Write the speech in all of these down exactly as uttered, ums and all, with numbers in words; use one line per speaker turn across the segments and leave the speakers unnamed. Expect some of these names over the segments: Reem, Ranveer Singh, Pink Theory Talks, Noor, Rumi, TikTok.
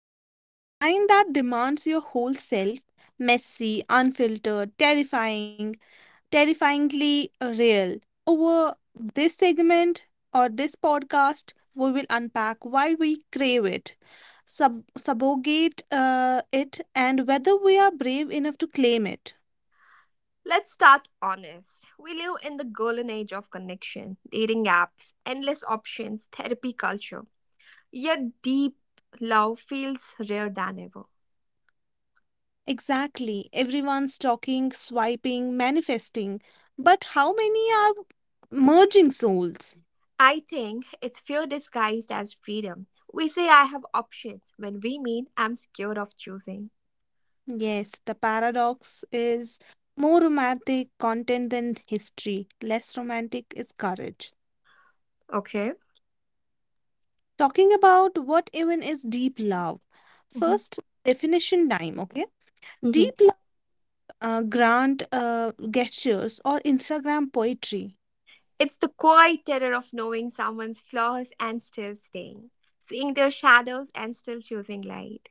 Mm, the kind that demands your whole self messy, unfiltered, terrifying, terrifyingly uh, real. Over this segment or this podcast, we will unpack why we crave it, sub- subjugate uh, it, and whether we are brave enough to claim it.
Let's start honest. We live in the golden age of connection, dating apps, endless options, therapy culture. Yet deep love feels rarer than ever.
Exactly. Everyone's talking, swiping, manifesting. But how many are merging souls?
I think it's fear disguised as freedom. We say I have options when we mean I'm scared of choosing.
Yes, the paradox is more romantic content than history. Less romantic is courage.
Okay?
Talking about what even is deep love.
Hmm.
First, definition time, okay?
Hmm.
Deep love, uh, grand uh, gestures or Instagram poetry.
It's the quiet terror of knowing someone's flaws and still staying, seeing their shadows and still choosing light.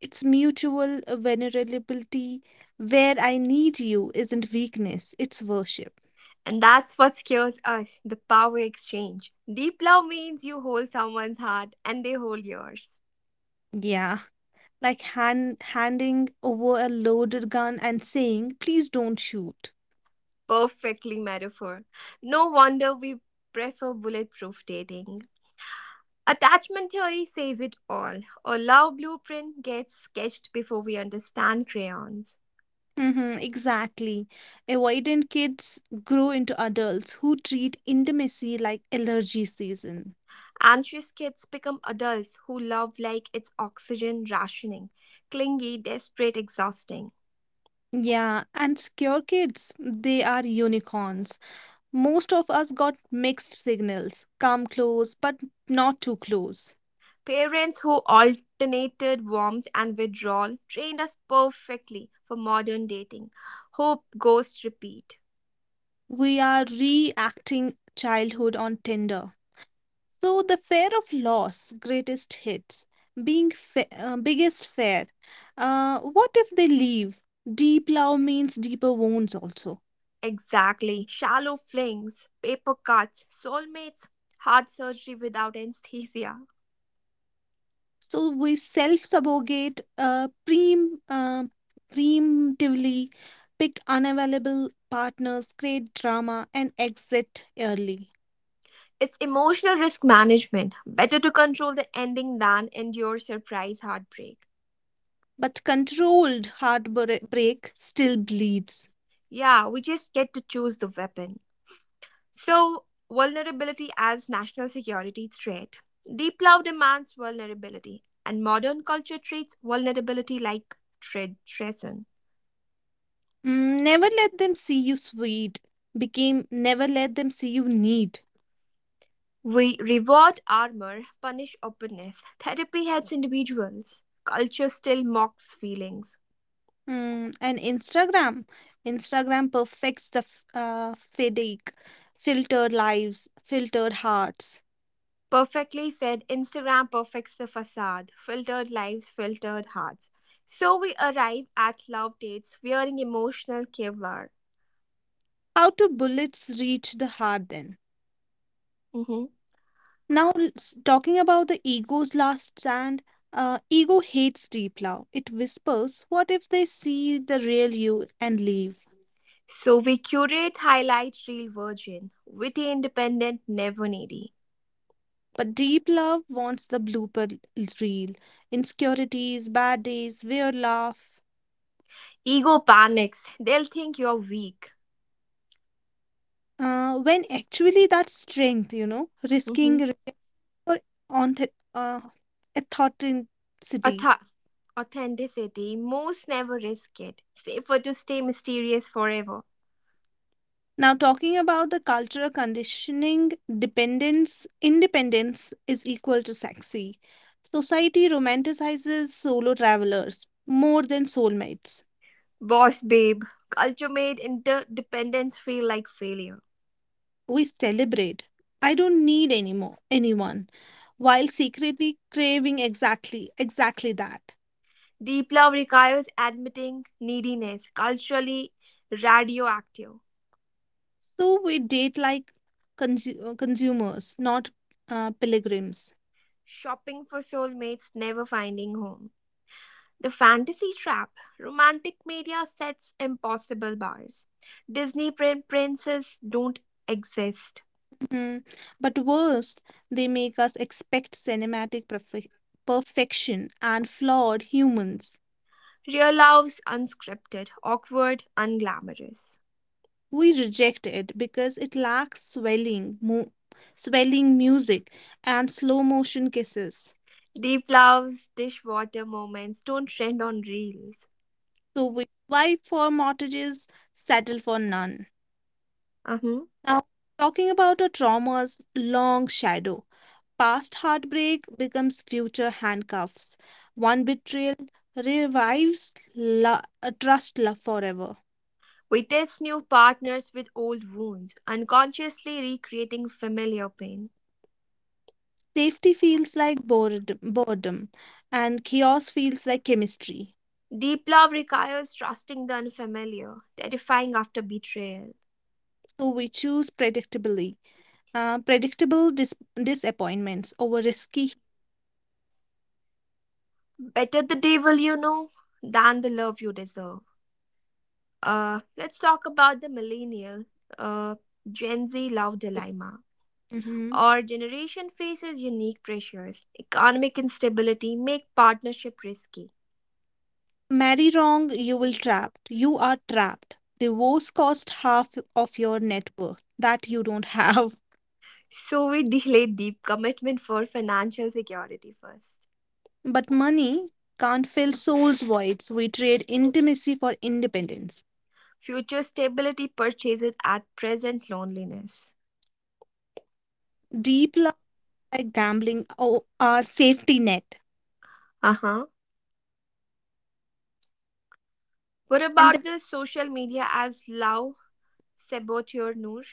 It's mutual vulnerability. Where "I need you" isn't weakness, it's worship.
And that's what scares us: the power exchange. Deep love means you hold someone's heart and they hold yours.
Yeah, like hand, handing over a loaded gun and saying, please don't shoot.
Perfectly metaphor. No wonder we prefer bulletproof dating. Attachment theory says it all. A love blueprint gets sketched before we understand crayons.
Mm-hmm, exactly. Avoidant kids grow into adults who treat intimacy like allergy season.
Anxious kids become adults who love like it's oxygen rationing, clingy, desperate, exhausting.
Yeah, and secure kids, they are unicorns. Most of us got mixed signals come close, but not too close.
Parents who alternated warmth and withdrawal trained us perfectly for modern dating. Hope, ghost, repeat.
We are reacting childhood on Tinder. So the fear of loss, greatest hits, being fa- uh, biggest fear. Uh, what if they leave? Deep love means deeper wounds also.
Exactly. Shallow flings, paper cuts, soulmates, heart surgery without anesthesia.
So we self-subogate, uh, prem- uh, preemptively pick unavailable partners, create drama, and exit early.
It's emotional risk management. Better to control the ending than endure surprise heartbreak.
But controlled heartbreak still bleeds.
Yeah, we just get to choose the weapon. So, vulnerability as national security threat. Deep love demands vulnerability, and modern culture treats vulnerability like treason.
Mm, never let them see you sweet became never let them see you need.
We reward armor, punish openness. Therapy helps individuals. Culture still mocks feelings.
Mm, and Instagram, Instagram perfects the f- uh, fake, filtered lives, filtered hearts.
Perfectly said, Instagram perfects the facade. Filtered lives, filtered hearts. So we arrive at love dates wearing emotional Kevlar.
How do bullets reach the heart then?
Mhm.
Now, let talking about the ego's last stand, uh, ego hates deep love. It whispers, what if they see the real you and leave?
So we curate, highlight real virgin, witty, independent, never needy.
But deep love wants the blooper l- reel, insecurities, bad days, weird laugh.
Ego panics. They'll think you're weak.
Uh, when actually that's strength, you know, risking
Hmm.
rejection for onth- uh, authenticity.
Auth- Authenticity. Most never risk it. Safer to stay mysterious forever.
Now, talking about the cultural conditioning, dependence, independence is equal to sexy. Society romanticizes solo travelers more than soulmates.
Boss babe. Culture made interdependence feel like failure.
We celebrate. I don't need any more, anyone, while secretly craving exactly, exactly that.
Deep love requires admitting neediness. Culturally radioactive.
So we date like consu- uh, consumers, not uh, pilgrims.
Shopping for soulmates, never finding home. The fantasy trap. Romantic media sets impossible bars. Disney prin- princes don't exist.
Hmm. But worse, they make us expect cinematic perfe- perfection and flawed humans.
Real love's unscripted, awkward, unglamorous.
We reject it because it lacks swelling, mo- swelling music and slow motion kisses.
Deep love's dishwater moments don't trend on reels.
So we swipe for mortgages, settle for none.
Uh-huh.
Now, talking about a trauma's long shadow, past heartbreak becomes future handcuffs. One betrayal revives lo- uh, trust love forever.
We test new partners with old wounds, unconsciously recreating familiar pain.
Safety feels like bored, boredom, and chaos feels like chemistry.
Deep love requires trusting the unfamiliar, terrifying after betrayal.
So we choose predictably, uh, predictable dis- disappointments over risky.
Better the devil you know than the love you deserve. Uh, let's talk about the millennial uh, Gen Z love dilemma.
Mhm.
Our generation faces unique pressures. Economic instability make partnership risky.
Marry wrong, you will trapped. You are trapped. Divorce cost half of your net worth that you don't have.
So we delay deep commitment for financial security first.
But money can't fill soul's voids. We trade intimacy for independence.
Future stability purchases at present loneliness.
Deep love. Like gambling or our safety net.
Uh-huh. What
And then,
about the social media as love saboteur, Noor?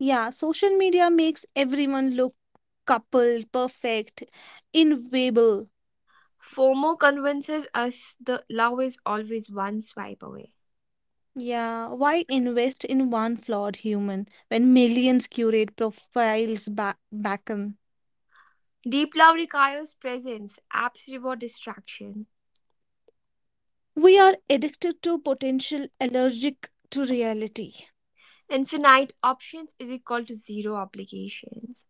yeah, social media makes everyone look coupled, perfect, invaluable.
FOMO convinces us the love is always one swipe away.
Yeah, why invest in one flawed human when millions curate profiles ba- beckon?
Deep love requires presence, abs reward distraction.
We are addicted to potential, allergic to reality.
Infinite options is equal to zero obligations.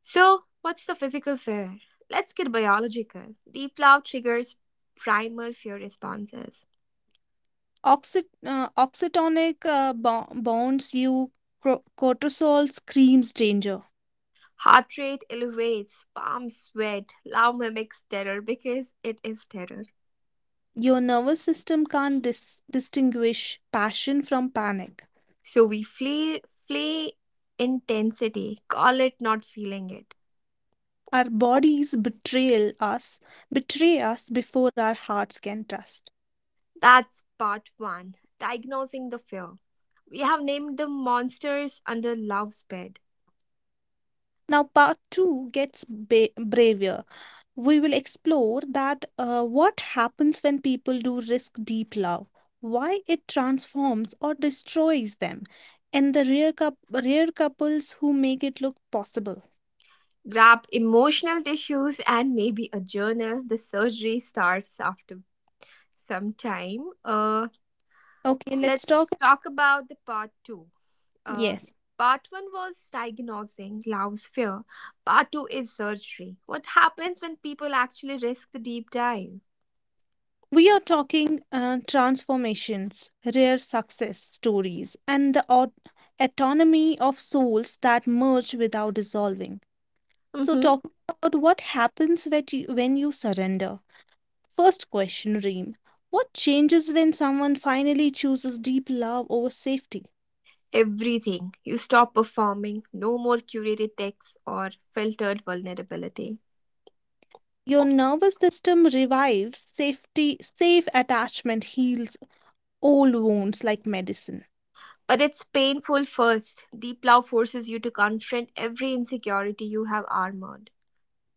So, what's the physical fear? Let's get biological. Deep love triggers primal fear responses.
Oxy- uh, oxytonic uh, bo- bonds you, cro- cortisol screams danger.
Heart rate elevates, palms sweat, love mimics terror because it is terror.
Your nervous system can't dis- distinguish passion from panic.
So we flee flee intensity, call it not feeling it.
Our bodies betrayal us, betray us before our hearts can trust.
That's part one. Diagnosing the fear. We have named the monsters under love's bed.
Now, part two gets ba- braver. We will explore that uh, what happens when people do risk deep love, why it transforms or destroys them, and the rare, coup- rare couples who make it look possible.
Grab emotional tissues and maybe a journal. The surgery starts after some time. Uh,
Okay, let's talk.
let's talk about the part two. Uh,
Yes.
Part one was diagnosing love's fear. Part two is surgery. What happens when people actually risk the deep dive?
We are talking uh, transformations, rare success stories, and the aut- autonomy of souls that merge without dissolving. So,
Mm-hmm.
talking about what happens when you, when you surrender. First question, Reem. What changes when someone finally chooses deep love over safety?
Everything. You stop performing. No more curated texts or filtered vulnerability.
Your nervous system revives, safety, safe attachment heals old wounds like medicine.
But it's painful first. Deep love forces you to confront every insecurity you have armored.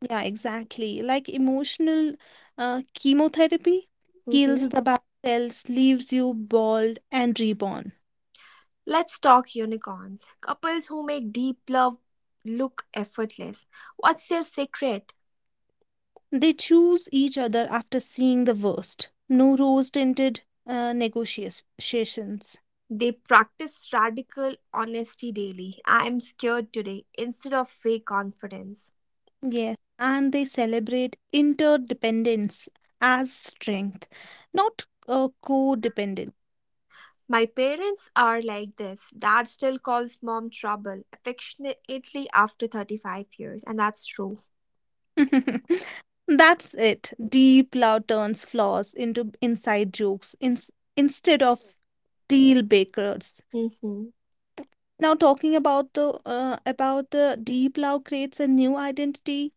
Yeah, exactly. Like emotional uh, chemotherapy kills
Mhm.
the bad cells, leaves you bald and reborn.
Let's talk unicorns. Couples who make deep love look effortless. What's their secret?
They choose each other after seeing the worst. No rose-tinted uh, negotiations.
They practice radical honesty daily. I am scared today instead of fake confidence.
Yes, and they celebrate interdependence as strength, not uh, codependence.
My parents are like this. Dad still calls mom trouble affectionately after thirty-five years, and that's true.
That's it. Deep love turns flaws into inside jokes in, instead of deal breakers.
Hmm.
Now talking about the uh, about the deep love creates a new identity.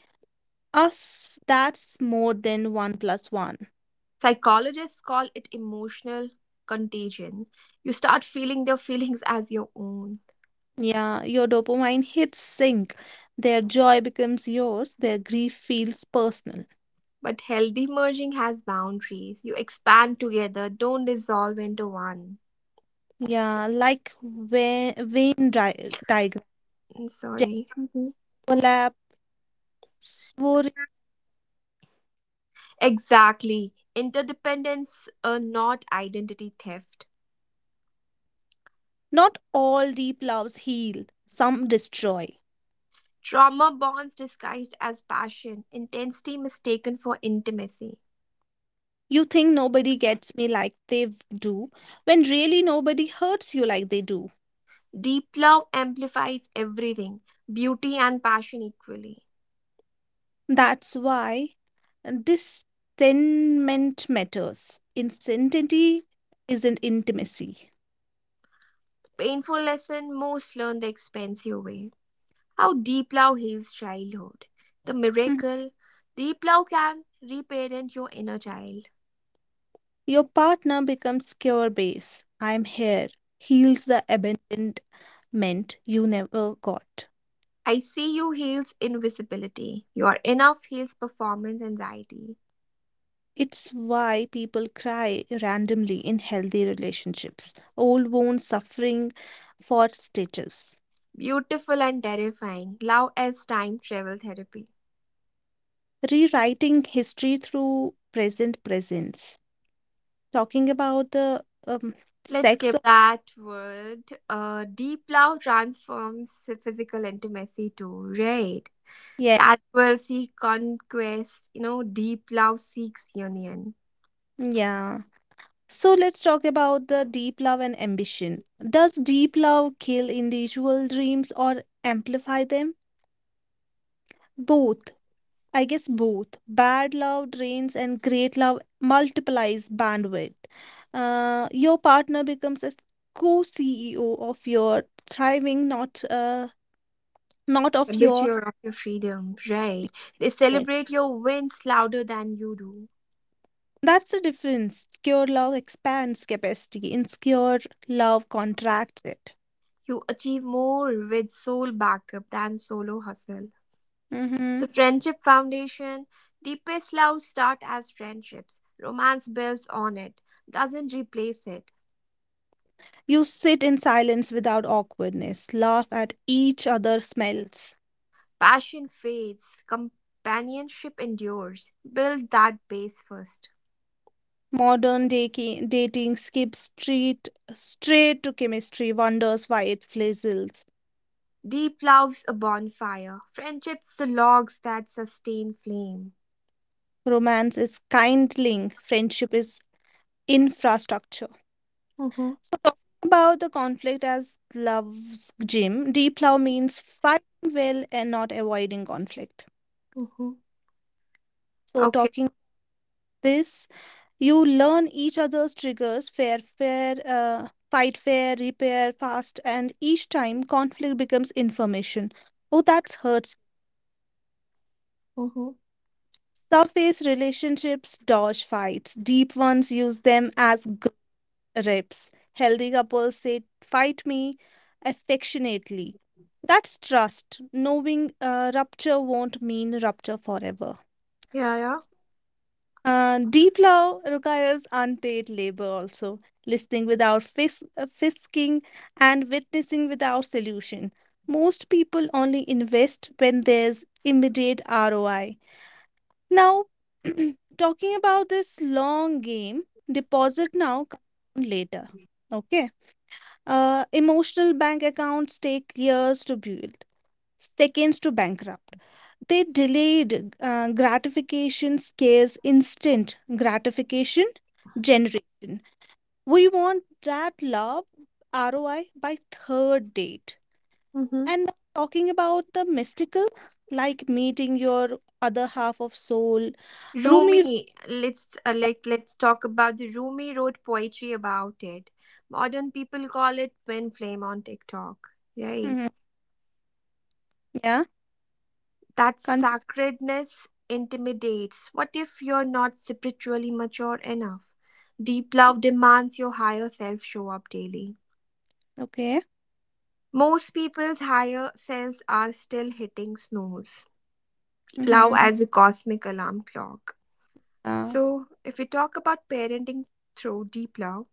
Us, that's more than one plus one.
Psychologists call it emotional contagion. You start feeling their feelings as your own.
Yeah, your dopamine hits sync. Their joy becomes yours. Their grief feels personal.
But healthy merging has boundaries. You expand together, don't dissolve into one.
Yeah, like Wayne, Wayne di- diagram,
I'm sorry. Mhm.
overlap.
Exactly. Interdependence, uh, not identity theft.
Not all deep loves heal, some destroy.
Trauma bonds disguised as passion, intensity mistaken for intimacy.
You think nobody gets me like they do, when really nobody hurts you like they do.
Deep love amplifies everything, beauty and passion equally.
That's why discernment matters. Insanity isn't intimacy.
Painful lesson most learn the expensive way. How Deep Love heals childhood. The
Mhm.
miracle Deep Love can reparent your inner child.
Your partner becomes cure base. I'm here. Heals the abandonment you never got.
I see you heals invisibility. Your enough heals performance anxiety.
It's why people cry randomly in healthy relationships, old wounds suffering for stitches,
Beautiful and terrifying. Love as time travel therapy.
rewriting history through present presence, talking about the um,
Let's
sex.
skip
Of,
that word. Uh, deep love transforms physical intimacy too, right?
yeah,
Casual seek conquest, you know, deep love seeks union.
yeah. So let's talk about the deep love and ambition. Does deep love kill individual dreams or amplify them? Both. I guess both. Bad love drains and great love multiplies bandwidth. Uh, your partner becomes a co C E O of your thriving, not uh, not
A
of your.
butcher of your freedom, right? They
Yes.
celebrate your wins louder than you do.
That's the difference. Secure love expands capacity. Insecure love contracts it.
You achieve more with soul backup than solo hustle. The
Mhm.
Friendship Foundation deepest love start as friendships. Romance builds on it, doesn't replace it.
You sit in silence without awkwardness. Laugh at each other's smells.
Passion fades, companionship endures. Build that base first.
Modern daki- dating skips straight, straight to chemistry, wonders why it fizzles.
Deep love's a bonfire, friendship's the logs that sustain flame.
Romance is kindling, friendship is infrastructure.
Mm-hmm,
So, talking about the conflict as love's gym, deep love means fighting well and not avoiding conflict.
mm-hmm.
So,
Okay.
talking this, you learn each other's triggers, fair, fair, uh, fight fair, repair fast, and each time conflict becomes information. Oh, that hurts.
Mm-hmm.
Surface relationships dodge fights. Deep ones use them as grips. Healthy couples say, fight me affectionately. That's trust, knowing uh, rupture won't mean rupture forever.
Yeah, yeah.
Uh, deep love requires unpaid labor also, listening without fis- uh, fisking and witnessing without solution. Most people only invest when there's immediate R O I. Now, talking about this long game, deposit now, compound later. Okay. Uh, emotional bank accounts take years to build, seconds to bankrupt. They delayed uh, gratification scares instant gratification generation. We want that love R O I by third date.
Mm-hmm.
And talking about the mystical, like meeting your other half of soul, Rumi.
Rumi, let's uh, like let's talk about the Rumi wrote poetry about it. Modern people call it twin flame on TikTok, right?
Yeah,
That
con
sacredness intimidates. What if you're not spiritually mature enough? Deep love demands your higher self show up daily.
okay.
Most people's higher selves are still hitting snooze. Love
Mm-hmm.
as a cosmic alarm clock.
Yeah.
So, if we talk about parenting through deep love,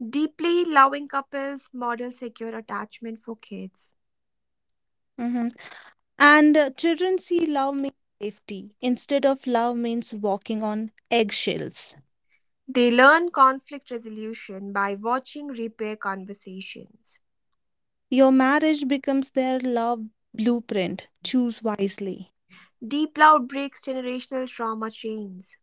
deeply loving couples model secure attachment for kids.
Mm-hmm. And uh, children see love means safety instead of love means walking on eggshells.
They learn conflict resolution by watching repair conversations.
Your marriage becomes their love blueprint. Choose wisely.
Deep Love breaks generational trauma chains.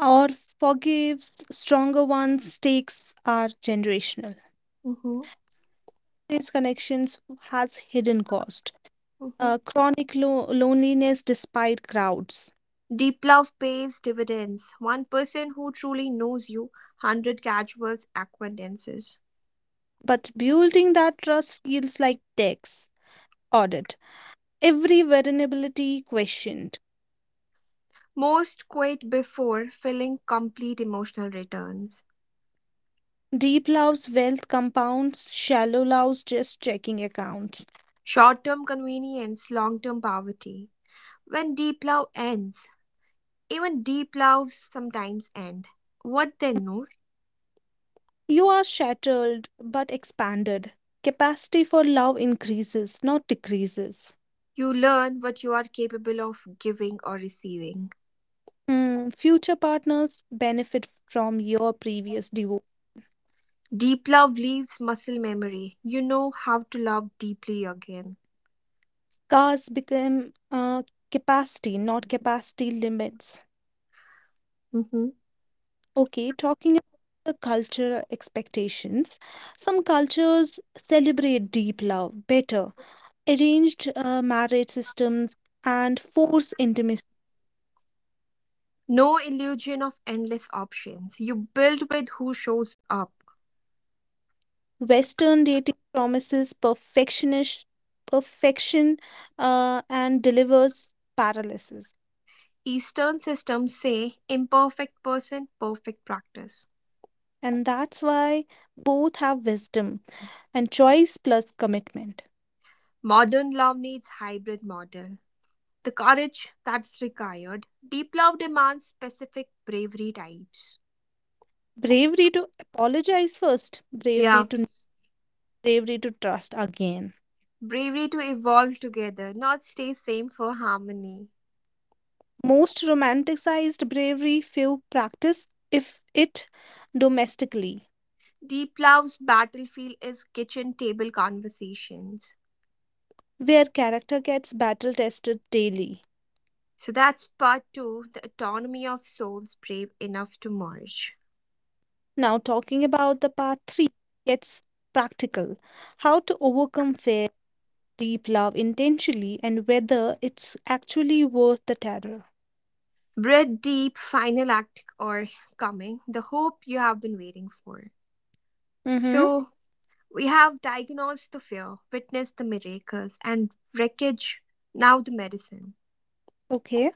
Or forgives stronger ones. Stakes are generational.
Mm-hmm.
These connections has hidden cost.
Mm-hmm.
Uh, chronic lo- loneliness despite crowds.
Deep Love pays dividends. One person who truly knows you, one hundred casual acquaintances.
But building that trust feels like tax audit every vulnerability questioned.
Most quit before feeling complete emotional returns.
Deep love's wealth compounds, shallow love's just checking accounts.
Short term convenience, long term poverty. When deep love ends, even deep loves sometimes end. What then, Noor?
You are shattered but expanded. Capacity for love increases, not decreases.
You learn what you are capable of giving or receiving.
Hmm, future partners benefit from your previous divorce.
Deep love leaves muscle memory. You know how to love deeply again.
Cars become uh, capacity, not capacity limits.
Mhm.
Okay, talking about the cultural expectations. Some cultures celebrate deep love better arranged uh, marriage systems and forced intimacy.
No illusion of endless options. You build with who shows up.
Western dating promises perfectionist perfection uh, and delivers paralysis.
Eastern systems say imperfect person, perfect practice.
And that's why both have wisdom and choice plus commitment.
Modern love needs hybrid model. The courage that's required. Deep love demands specific bravery types.
Bravery to apologize first, bravery
Yeah,
to bravery to trust again.
bravery to evolve together, not stay same for harmony.
Most romanticized bravery few practice if it domestically,
Deep Love's battlefield is kitchen table conversations.
where character gets battle tested daily.
So that's part two, the autonomy of souls brave enough to merge.
Now, talking about the part three, gets practical how to overcome fear, deep love intentionally, and whether it's actually worth the terror.
Breath deep, final act or coming, the hope you have been waiting for.
Mm hmm.
So we have diagnosed the fear, witnessed the miracles, and wreckage, now the medicine.
Okay.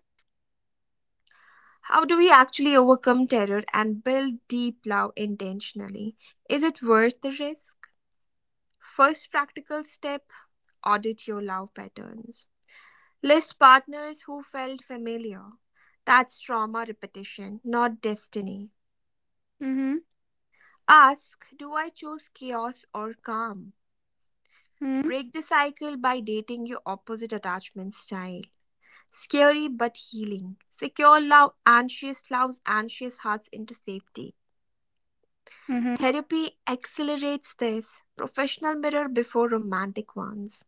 How do we actually overcome terror and build deep love intentionally? Is it worth the risk? First practical step: audit your love patterns. List partners who felt familiar. That's trauma repetition, not destiny.
Mm
Ask: do I choose chaos or calm?
hmm.
Break the cycle by dating your opposite attachment style. Scary but healing. Secure love anxious loves anxious hearts into safety.
Mm hmm.
Therapy accelerates this. Professional mirror before romantic ones.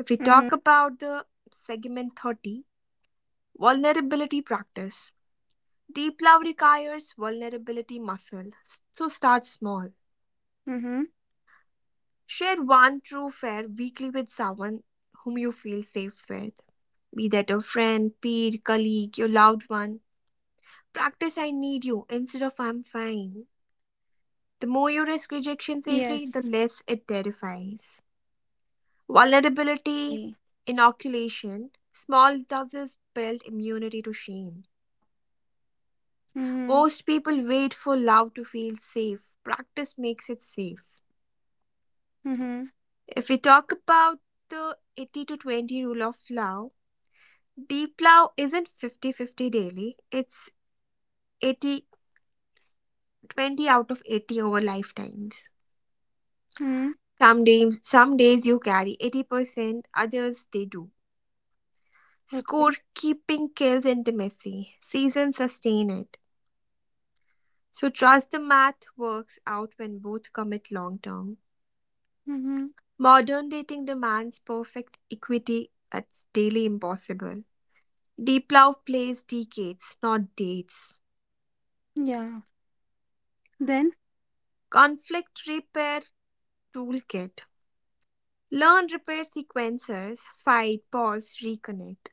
If we
Mm hmm.
talk about the segment thirty, vulnerability practice. Deep love requires vulnerability muscle, so start small.
Mm hmm. Mm hmm.
Share one true fair weekly with someone whom you feel safe with. Be that a friend, peer, colleague, your loved one. Practice I need you instead of I'm fine. The more you
Yes.
risk rejection safely, the less it terrifies.
Mm
Vulnerability, inoculation, small doses build immunity to shame.
hmm.
Most people wait for love to feel safe. Practice makes it safe.
Mm hmm.
If we talk about the eighty to twenty rule of Lao, deep Lao isn't fifty-fifty daily, it's eighty-twenty out of eighty over lifetimes.
Mm
Some days, some days you carry eighty percent, others they do.
hmm. Okay.
Scorekeeping kills intimacy, seasons sustain it. So trust the math works out when both commit long term.
Mm hmm.
Modern dating demands perfect equity that's daily impossible. Deep love plays decades, not dates.
Yeah. Then?
Conflict Repair Toolkit: learn repair sequences, fight, pause, reconnect.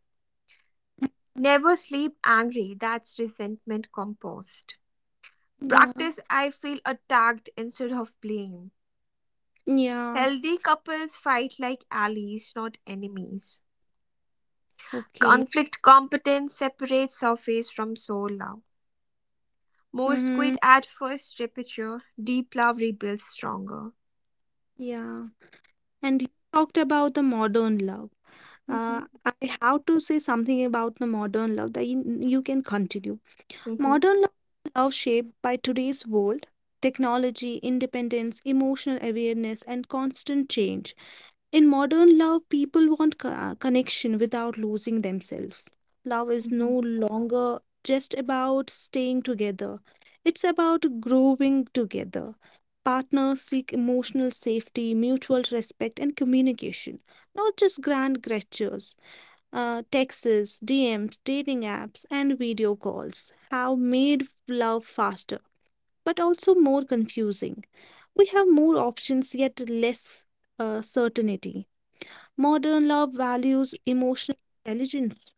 Never sleep angry, that's resentment compost.
Yeah.
Practice I feel attacked instead of blame.
Yeah.
Healthy couples fight like allies, not enemies.
Okay.
Conflict competence separates surface from soul love.
Mm
Most
hmm.
quit at first repeature, deep love rebuilds stronger.
Yeah. And you talked about the modern love.
Mhm,
Uh, I have to say something about the modern love that you, you can continue.
mhm,
Modern love shaped by today's world, technology, independence, emotional awareness, and constant change. In modern love, people want co- uh, connection without losing themselves. Love is no
mhm.
longer just about staying together, it's about growing together. Partners seek emotional safety, mutual respect, and communication, not just grand gestures uh, texts, D Ms, dating apps, and video calls have made love faster, but also more confusing. We have more options, yet less uh, certainty. Modern love values emotional intelligence.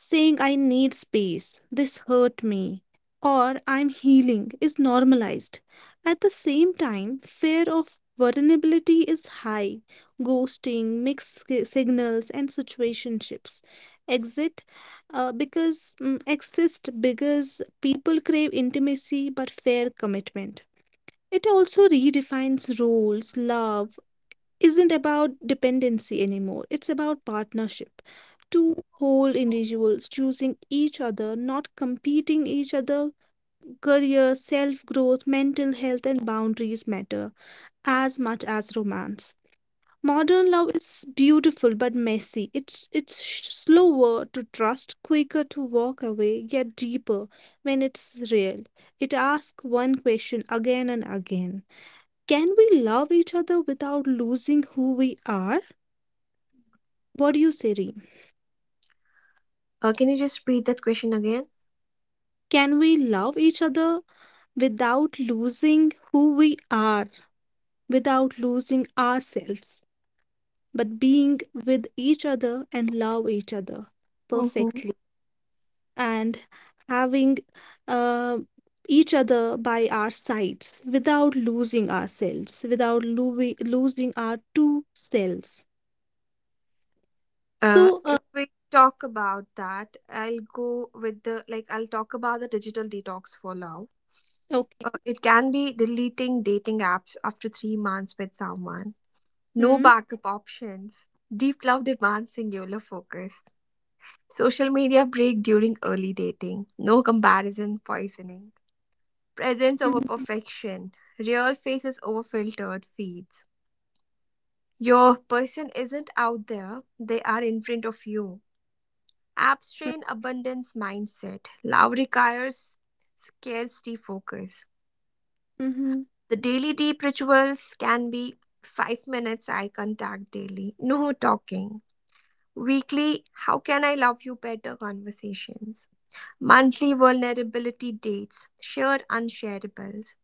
Saying I need space, this hurt me, or I'm healing is normalized. At the same time, fear of vulnerability is high. Ghosting, mixed si- signals, and situationships. Exit uh, because mm, exist because people crave intimacy but fear commitment. It also redefines roles, love, isn't about dependency anymore, it's about partnership. Two whole individuals choosing each other, not competing each other. Career, self growth, mental health, and boundaries matter as much as romance. Modern love is beautiful but messy. It's it's sh- slower to trust, quicker to walk away, yet deeper when it's real. It asks one question again and again. Can we love each other without losing who we are? What do you say, Reem?
Uh, can you just repeat that question again?
Can we love each other without losing who we are, without losing ourselves, but being with each other and love each other
Mm-hmm.
perfectly and having uh, each other by our sides without losing ourselves, without lo- losing our two selves?
Uh,
So, uh,
if we talk about that, I'll go with the like I'll talk about the digital detox for now.
okay.
Uh, it can be deleting dating apps after three months with someone, no
Hmm.
backup options, deep love demands singular focus, social media break during early dating, no comparison poisoning, presence over
Mm-hmm.
perfection, real faces over filtered feeds. Your person isn't out there, they are in front of you. Abstraint abundance mindset. Love requires scarcity focus.
Mm-hmm.
The daily deep rituals can be five minutes eye contact daily, no talking. Weekly, how can I love you better conversations. Monthly vulnerability dates, shared unshareables.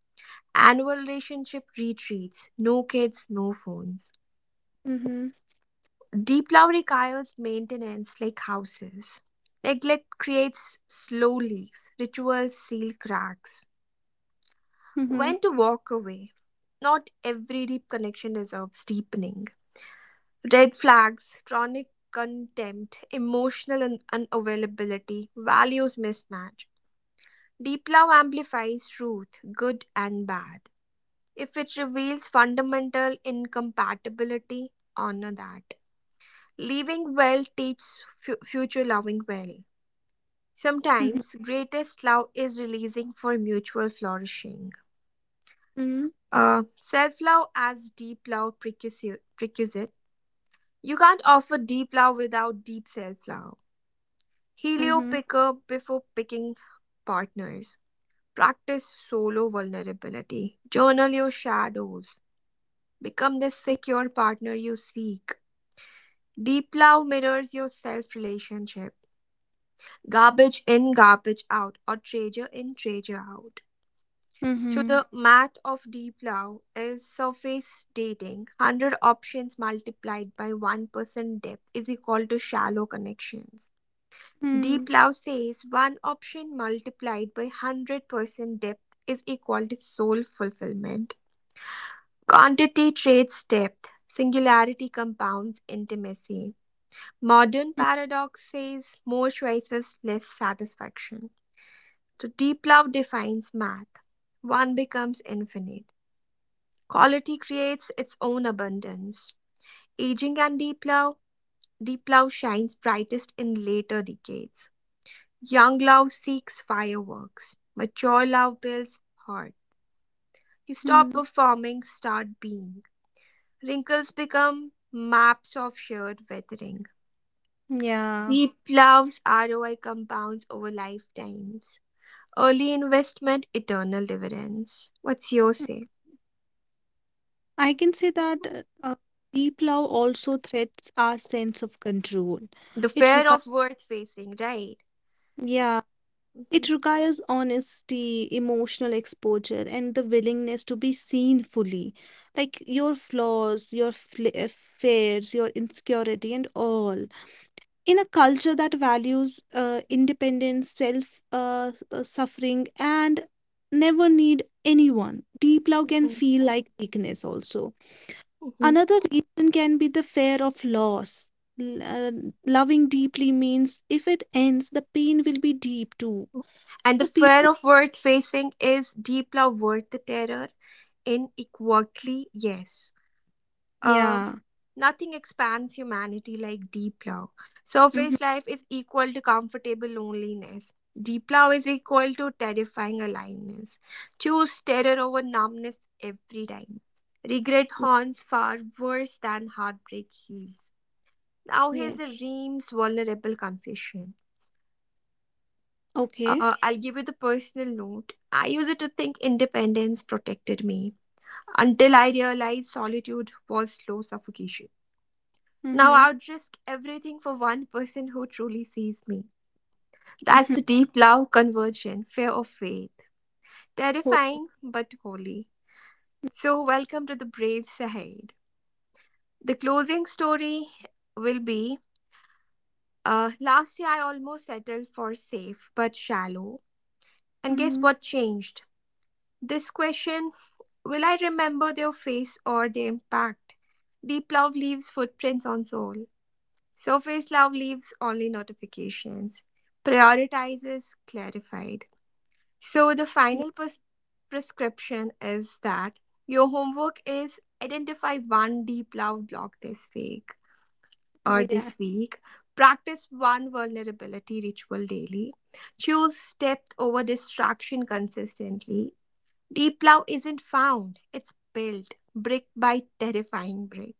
Annual relationship retreats, no kids, no phones.
Mm-hmm.
Deep love requires maintenance like houses. Neglect creates slow leaks, rituals seal cracks.
Mm-hmm.
When to walk away? Not every deep connection deserves deepening. Red flags, chronic contempt, emotional un- unavailability, values mismatch. Deep love amplifies truth, good and bad. If it reveals fundamental incompatibility, honor that. Leaving well teaches fu- future loving well.
Mm-hmm.
Sometimes greatest love is releasing for mutual flourishing.
Mm-hmm.
Uh, Self love as deep love precursor- prerequisite. You can't offer deep love without deep self love. Helio
Mm-hmm.
picker before picking partners. Practice solo vulnerability. Journal your shadows. Become the secure partner you seek. Deep love mirrors your self relationship. Garbage in, garbage out, or treasure in, treasure out. So
Mm-hmm.
the math of deep love is surface dating. one hundred options multiplied by one percent depth is equal to shallow connections.
Hmm.
Deep love says one option multiplied by one hundred percent depth is equal to soul fulfillment. Quantity trades depth. Singularity compounds intimacy. Modern
Mm,
paradox says more choices, less satisfaction. So deep love defines math. One becomes infinite. Quality creates its own abundance. Aging and deep love. Deep love shines brightest in later decades. Young love seeks fireworks. Mature love builds heart. You stop
mm.
performing, start being. Wrinkles become maps of shared weathering.
Yeah.
Deep love's R O I compounds over lifetimes. Early investment, eternal dividends. What's your
Hmm.
say?
I can say that uh, uh, deep love also threats our sense of control.
The
It
fear
requires,
of worth facing, right?
yeah, it
Mhm,
requires honesty, emotional exposure, and the willingness to be seen fully, like your flaws, your fl- uh, fears, your insecurity, and all. In a culture that values uh, independence, self uh, s- uh, suffering, and never need anyone, deep love can
mhm,
feel like weakness also.
mhm.
Another reason can be the fear of loss. L- uh, Loving deeply means if it ends, the pain will be deep too.
And the
So
fear
people,
of worth facing is deep love worth the terror in equality, yes. Uh,
yeah.
Nothing expands humanity like deep love.
Hmm.
Surface life is equal to comfortable loneliness. Deep love is equal to terrifying aliveness. Choose terror over numbness every time. Regret haunts far worse than heartbreak heals. Now here's a
Yes.
Reem's vulnerable confession. Uh,
Okay.
uh, I'll give you the personal note. I used to think independence protected me until I realized solitude was slow suffocation. Now
Mm-hmm.
I'd risk everything for one person who truly sees me. That's
Mm-hmm.
the deep love conversion, fear of faith.
Hope.
Terrifying but holy. So, welcome to the Brave Sahid. The closing story will be uh, last year I almost settled for safe but shallow. And guess
Mm-hmm.
what changed? This question: will I remember their face or their impact? Deep love leaves footprints on soul. Surface love leaves only notifications. Prioritizes clarified. So the
Yeah.
final pres- prescription is that your homework is identify one deep love block this week
Oh,
or
yeah.
this week. Practice one vulnerability ritual daily. Choose depth over distraction consistently. Deep love isn't found, it's built brick by terrifying brick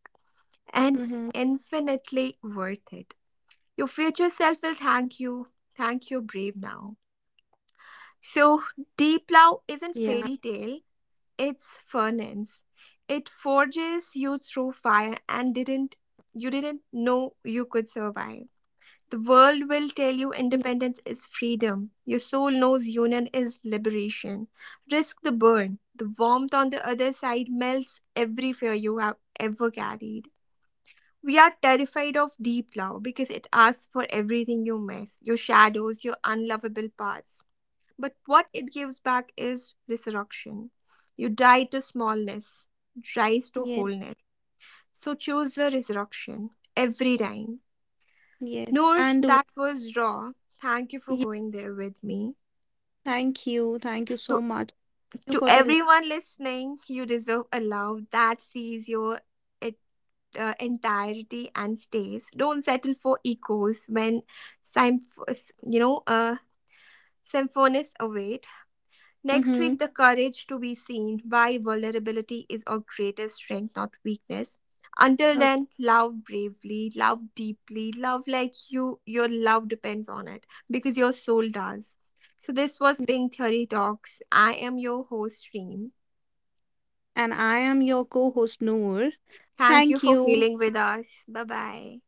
and
Mm-hmm.
infinitely worth it. Your future self will thank you. Thank you, brave now.
Yeah.
So, deep love isn't fairy tale, it's furnace. It forges you through fire and didn't you didn't know you could survive. The
Ye-
world will tell you independence is freedom. Your soul knows union is liberation. Risk the burn. The warmth on the other side melts every fear you have ever carried. We are terrified of deep love because it asks for everything you miss your shadows, your unlovable parts. But what it gives back is resurrection. You die to smallness, rise to
Yes.
wholeness. So choose the resurrection every time.
Yes.
Noor,
And
that was raw. Thank you for going there with me.
thank you. Thank you so
To,
much. Thank you
to
for the.
everyone listening, you deserve a love that sees your it, uh, entirety and stays. Don't settle for echoes when, symph- you know, uh, symphonies await. Next
Mm-hmm.
week, the courage to be seen, why vulnerability is our greatest strength, not weakness. Until then,
Okay.
love bravely, love deeply, love like you, your love depends on it because your soul does. So, this was Pink Theory Talks. I am your host, Reem.
And I am your co host, Noor.
Thank you
Thank
for
you.
feeling with us. Bye bye.